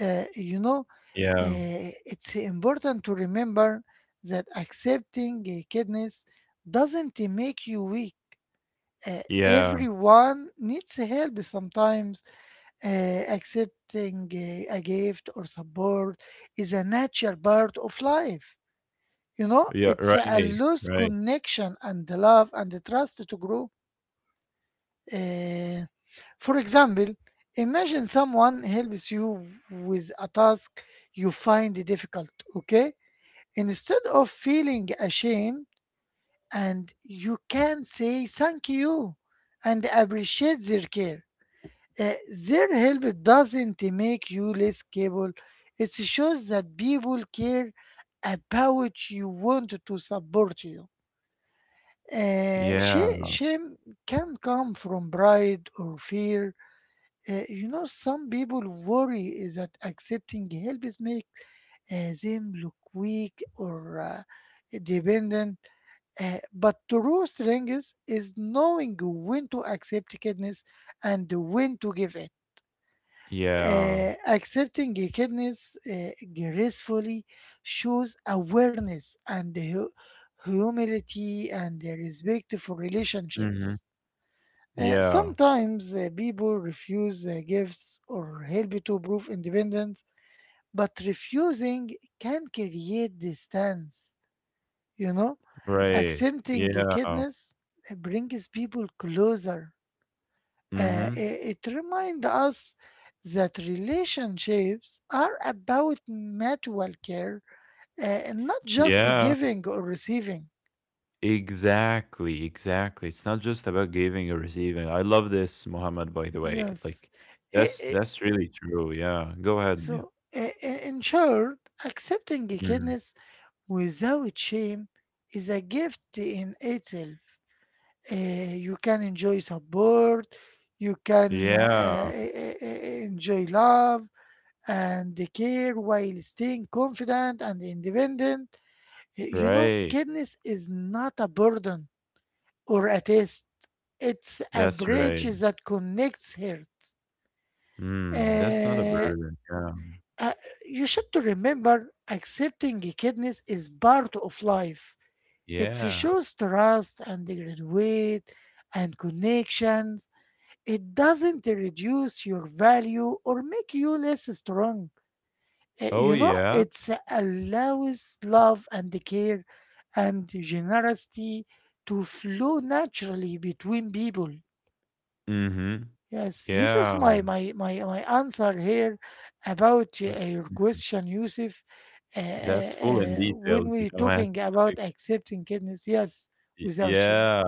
You know, Yeah. It's important to remember that accepting kindness doesn't make you weak. Yeah. Everyone needs help sometimes. Accepting a gift or support is a natural part of life. You know, Yeah. it's Right, a loose right. connection and the love and the trust to grow. Uh, for example, imagine someone helps you with a task you find difficult, okay? Instead of feeling ashamed, and you can say thank you and appreciate their care. Uh, their help doesn't make you less capable. It shows that people care about you, want to support you. Yeah, Shame can come from pride or fear. You know, some people worry is that accepting help is make them look weak or dependent. But true strength is knowing when to accept kindness and when to give in. yeah. Accepting kindness uh, gracefully shows awareness and humility and respect for Hmm. relationships. Yeah. Sometimes people refuse gifts or help to prove independence, but refusing can create distance. You know, Right. accepting Yeah. kindness brings people closer. Hmm. It reminds us that relationships are about mutual care and not just Yeah. giving or receiving. Exactly, exactly. It's not just about giving or receiving. I love this, Muhammad, by the way. Yes. Like, I- that's I- that's really true. Yeah. Go ahead. Yeah. In short, accepting Mhm. kindness without shame is a gift in itself. You can enjoy support, you can Yeah. Uh, uh, enjoy love and the care while staying confident and independent. You know, Right. kindness is not a burden or a test. It's a That's right. bridge that connects hearts. Mm, that's not a Uh, burden. Yeah. uh, you should to remember accepting kindness is part of life. It Yeah. shows trust and graduate and connections. It doesn't reduce your value or make you less strong. Oh You know, yeah. it allows love and care and generosity to flow naturally between people. Mm-hmm. Yes, this is Yeah. my answer here about Mm, your question, Yusuf. That's full in detail, When you we're know, man. talking about accepting kindness, yes, without shame. Yeah.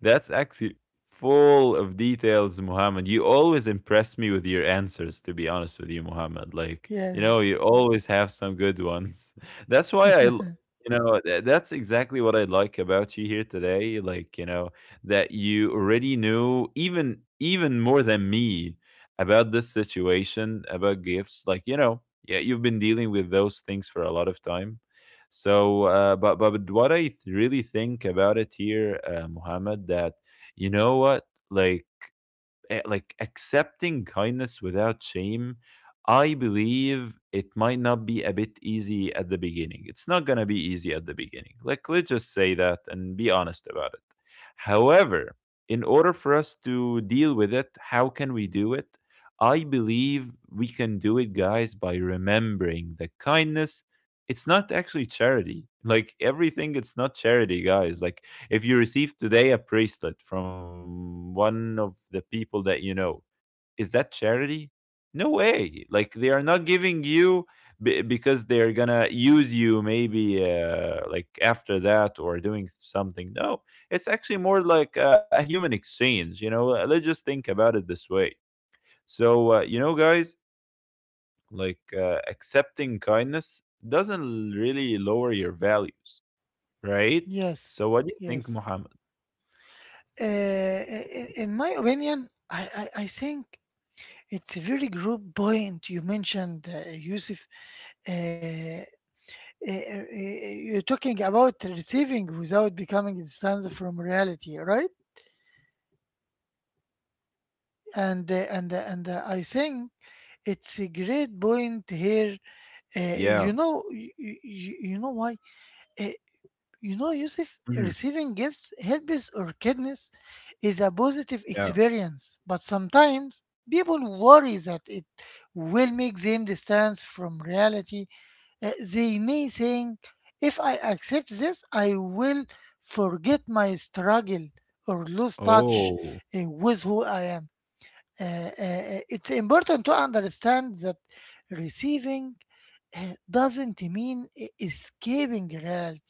That's actually full of details, Muhammad. You always impress me with your answers, to be honest with you, Muhammad. Like, Yeah. You always have some good ones. That's why that's exactly what I like about you here today. Like, that you already knew, even more than me about this situation, about gifts. Like, yeah, you've been dealing with those things for a lot of time. So, but what really think about it here, Muhammad, that, you know what, like, like, accepting kindness without shame, I believe it might not be a bit easy at the beginning. It's not going to be easy at the beginning, like, let's just say that and be honest about it. However, in order for us to deal with it, how can we do it? I believe we can do it, guys, by remembering that kindness, it's not actually charity. Like, everything, it's not charity, guys. Like, if you receive today a bracelet from one of the people that you know, is that charity? No way. Like, they are not giving you because they're gonna use you, maybe, like, after that, or doing something. No, it's actually more like a human exchange. You know. Let's just think about it this way. So, guys, like, accepting kindness doesn't really lower your values, right? So yes, what do you think, yes. Muhammad? In my opinion, I think it's a very good point you mentioned, Yusuf. Uh, you're talking about receiving without becoming distanced from reality, right? And I think it's a great point here. You Yeah. know, you know why? Uh, you know, Yusuf, Mm-hmm. receiving gifts, helps or kindness is a positive Yeah. experience, but sometimes people worry that it will make them distance from reality. They may think, if I accept this, I will forget my struggle or lose touch Oh, with who I am. It's important to understand that receiving doesn't mean escaping reality.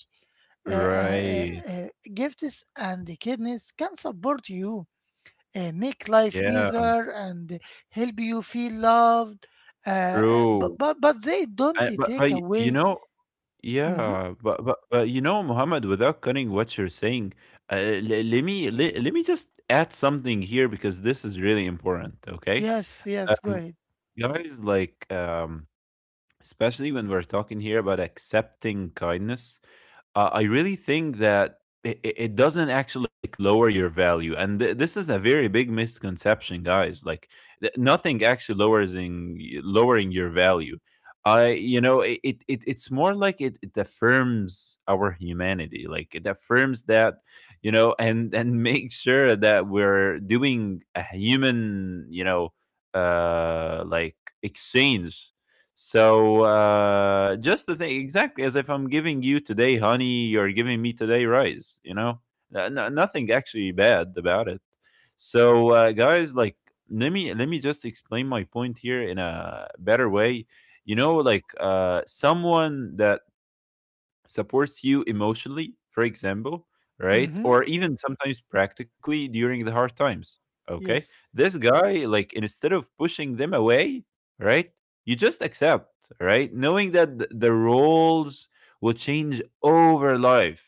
Uh, uh, right. uh, uh, Gifts and kindness can support you, make life Yeah, easier, and help you feel loved. But true. But they don't I but take y away. Mhm. yeah, but you know, Muhammad, without cutting what you're saying, uh, le let me just add something here, because this is really important, okay? Yes, yes, go Um, ahead. guys, like, especially when we're talking here about accepting kindness, I really think that it doesn't actually like lower your value, and this is a very big misconception, guys. Like th- nothing actually lowers in, lowering your value. I you know it, it it- it's more like it affirms our humanity, like it affirms that and make sure that we're doing a human uh like exchange. So just the thing, exactly as if I'm giving you today honey, you're giving me today rice. Nothing actually bad about it. So guys, like let me just explain my point here in a better way. You know, like someone that supports you emotionally, for example, right? Mm-hmm. Or even sometimes practically during the hard times. Okay. Yes, This guy, like, instead of pushing them away, right? You just accept, right? Knowing that the roles will change over life,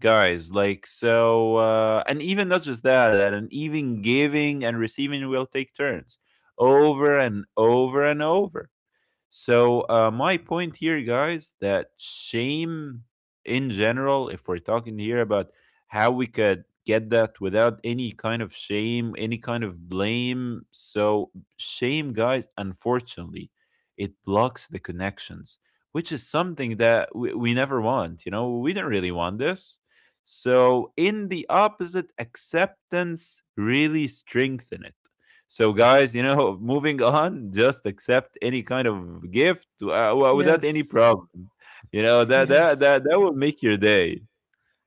guys. Like, so and even not just that, and even giving and receiving will take turns over and over and over. So my point here, guys, that shame in general, if we're talking here about how we could get that without any kind of shame, any kind of blame. So shame, guys, unfortunately, it blocks the connections, which is something that we never want. You know, we don't really want this. So in the opposite, acceptance really strengthen it. So, guys, you know, moving on, just accept any kind of gift without any yes, problem. You know that that yes, that that will make your day.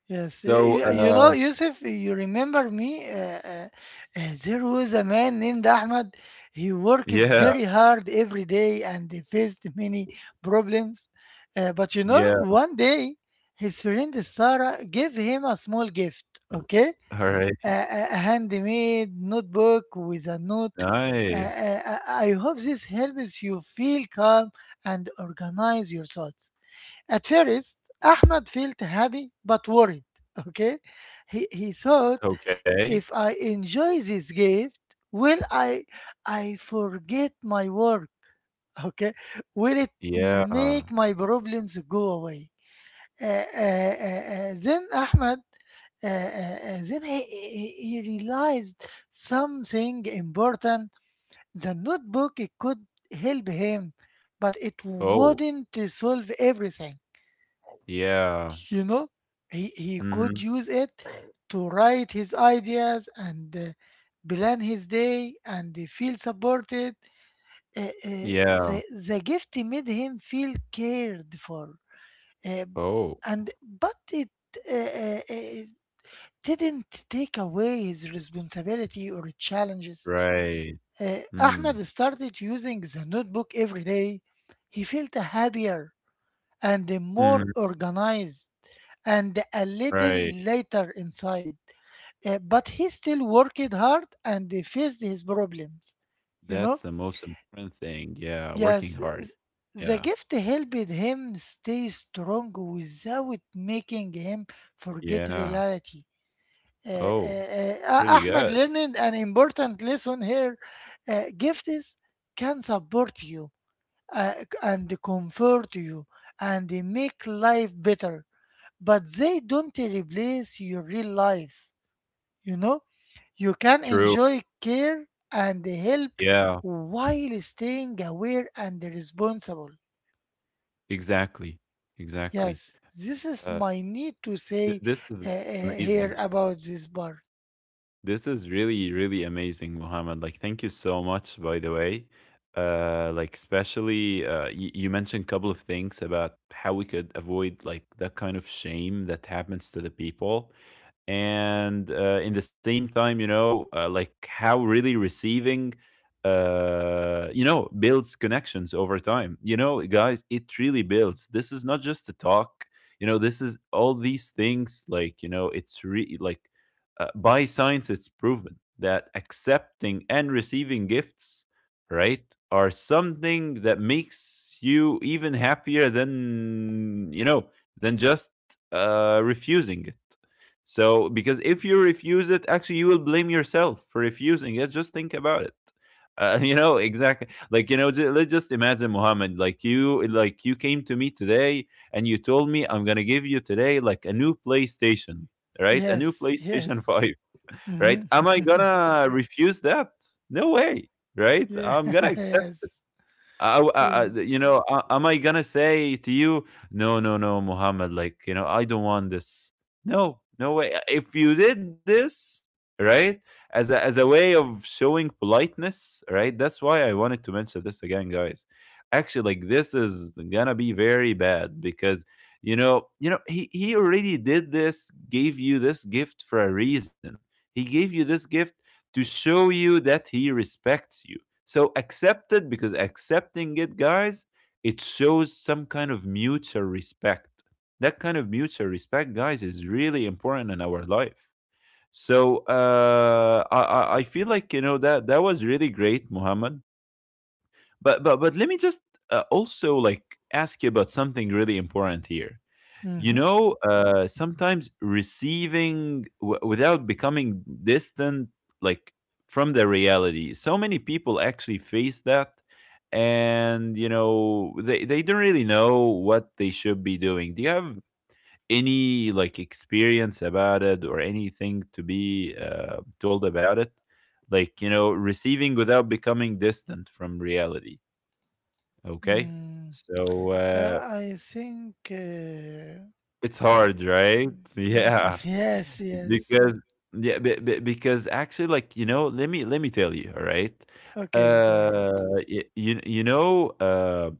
yes. Eh, So, you uh, know, Yusuf, you remember me? There was a man named Ahmad. He worked yeah, very hard every day and he faced many problems. But you know, yeah. one day his friend Sarah gave him a small gift, okay? All right, A handmade notebook with a note. Nice. I hope this helps you feel calm and organize your thoughts. At first, Ahmed felt happy but worried. Okay, he thought Okay, if I enjoy this gift, will I forget my work? Okay, will it yeah. make my problems go away? Then Ahmed, then he realized something important. The notebook it could help him, but it Oh, wouldn't solve everything. yeah. You know, he could Mm-hmm. use it to write his ideas and plan his day and feel supported. Uh, uh, Yeah. the the gift made him feel cared for, uh, Oh, and but it, uh, uh, uh, didn't take away his responsibility or challenges. right. Mm. Ahmed started using the notebook every day. He felt happier and Mm-hmm. more organized and a little Right. later inside. But he still worked hard and faced his problems. You That's know, the most important thing. Yeah, yes, working hard. The Yeah. gift helped him stay strong without making him forget Yeah. reality. Uh, Oh, pretty Ahmed good. learned an important lesson here. Gifts can support you uh, and comfort you and make life better, but they don't replace your real life. You know, you can True. enjoy care and help Yeah, while staying aware and responsible. exactly, exactly. Yes, this is Uh, my need to say this is here amazing. about this part. This is really, really amazing, Mohammed. Like, thank you so much, by the way. Like, especially you mentioned a couple of things about how we could avoid like that kind of shame that happens to the people. And in the same time, you know, like how really receiving you know builds connections over time. You know, guys, it really builds, this is not just the talk, you know, this is all these things, like, you know, it's really like by science it's proven that accepting and receiving gifts, right, are something that makes you even happier than, you know, than just refusing it. So, because if you refuse it, actually, you will blame yourself for refusing it. Just think about it. You know, exactly, like, you know, let's just imagine, Muhammad, like you, like you came to me today and you told me I'm gonna give you today like a new PlayStation, right, a new Yes, playstation yes. 5 right. Am I Mm-hmm. gonna refuse that? No way. Right, yeah, I'm gonna accept. yes, I, I, I, yes. you know, am I gonna say to you, no, no, no, Muhammad, like, you know, I don't want this. No, no way. If you did this, right, as a way of showing politeness, right, that's why I wanted to mention this again, guys. Actually, like, this is gonna be very bad because, you know, he already did this, gave you this gift for a reason. He gave you this gift to show you that he respects you. So accept it because accepting it, guys, it shows some kind of mutual respect. That kind of mutual respect, guys, is really important in our life. So I feel like, you know, that that was really great, Muhammad. But let me just also like ask you about something really important here. You Mm-hmm. know, sometimes receiving without becoming distant, like from the reality. So many people actually face that, and you know, they don't really know what they should be doing. Do you have any like experience about it or anything to be told about it? Like you know, receiving without becoming distant from reality. Okay, Mm. so. I think. It's hard, right? Mm, Yeah. yes, yes. Because yeah, be because actually, like, you know, let me tell you, all right? Okay, go Uh, ahead. y you you know,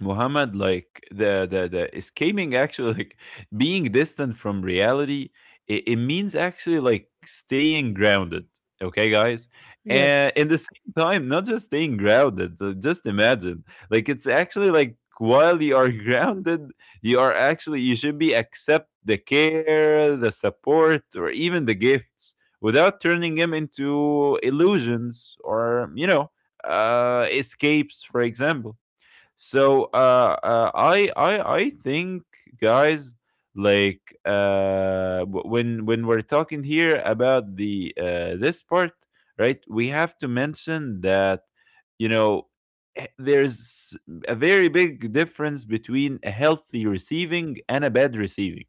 Muhammad, like the escaping actually like being distant from reality, it means actually like staying grounded. Okay, guys, and Yes. in the same time, not just staying grounded. Just imagine, like it's actually like while you are grounded, you are actually you should be accept the care, the support, or even the gifts without turning them into illusions or you know escapes, for example. So I think, guys, like when we're talking here about the this part, right? We have to mention that you know there's a very big difference between a healthy receiving and a bad receiving.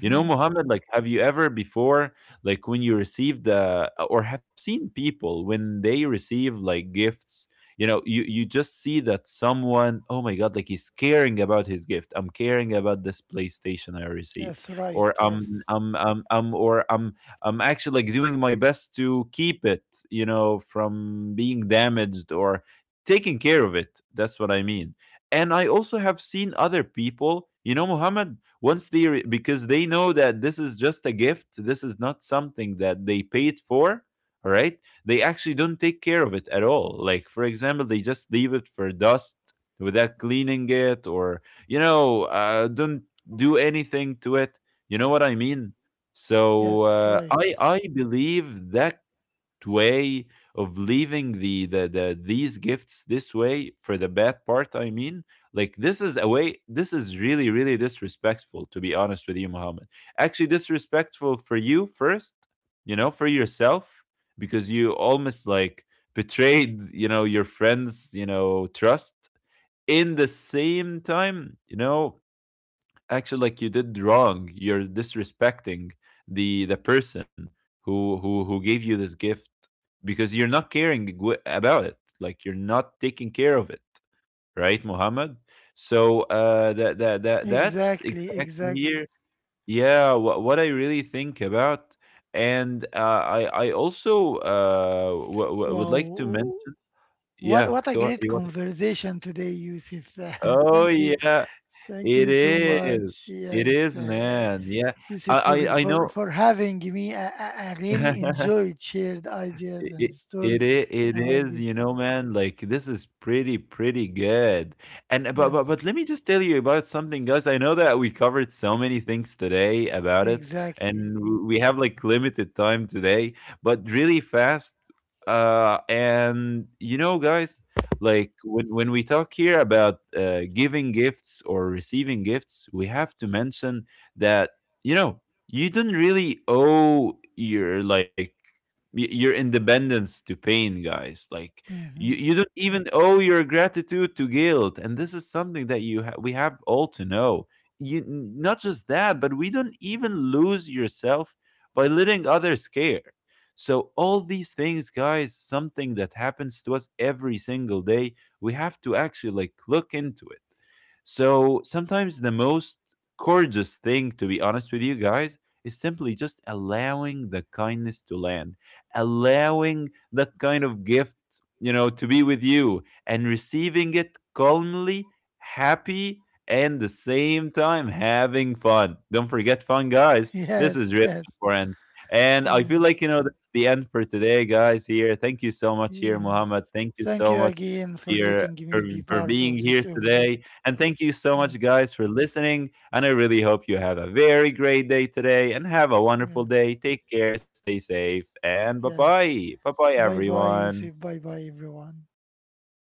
You know, Mohammed, like, have you ever before, like, when you received or have seen people when they receive like gifts? You know, you just see that someone, oh my god, like he's caring about his gift. I'm caring about this PlayStation I received, Yes, right. or um Yes. Or I'm actually like doing my best to keep it, you know, from being damaged or taking care of it. That's what I mean. And I also have seen other people, you know, Mohammed, once they because they know that this is just a gift, this is not something that they paid for, all right, they actually don't take care of it at all. Like, for example, they just leave it for dust without cleaning it, or you know, don't do anything to it. You know what I mean. so Yes, uh, right. i i believe that way of leaving the these gifts this way, for the bad part I mean, like, this is a way, this is really, really disrespectful, to be honest with you, Muhammad. Actually disrespectful for you first, you know, for yourself. Because you almost like betrayed, you know, your friends, you know, trust. In the same time, you know, actually like you did wrong. You're disrespecting the person who gave you this gift because you're not caring about it. Like you're not taking care of it, right, Muhammad? So that's Exactly, exactly exactly. here. Yeah, what I really think about, and I also would like to Wow. mention. Yeah, What a go ahead. great You want to, conversation today, Yusuf. oh thank you, yeah. thank It you so is. much. It Yes, is, man. Yeah. Yusuf, I I I know. for having me. I I really enjoyed shared ideas It and it story it about is, you know, gifts. man, like, this is pretty, pretty good. And but Yes, let me just tell you about something, guys. I know that we covered so many things today about it, exactly. and w we have, like, limited time today, but really fast, and, you know, guys, like, when we talk here about, giving gifts or receiving gifts, we have to mention that, you know, you don't really owe your, like your independence to pain, guys, like, you, Hmm. you don't even owe your gratitude to guilt, and this is something that we have all to know. Not just that, but we don't even lose yourself by letting others care. So all these things, guys, something that happens to us every single day, we have to actually like look into it. So sometimes the most gorgeous thing, to be honest with you, guys, is simply just allowing the kindness to land, allowing that kind of gift, you know, to be with you and receiving it calmly, happy, and the same time having fun. Don't forget fun, guys. Yes, This is really yes, important. And I feel yes, like, you know, that's the end for today, guys. Here, thank you so much, here, yes. Muhammad. Thank you Thank you so much again for for letting your me be for part of being this here episode. today. And thank you so much, Yes, guys, for listening. And I really hope you have a very great day today and have a yes, wonderful day. Take care, stay safe, and bye yes. bye. Bye bye, Bye bye, Yusuf. everyone. Bye bye, everyone. Bye bye.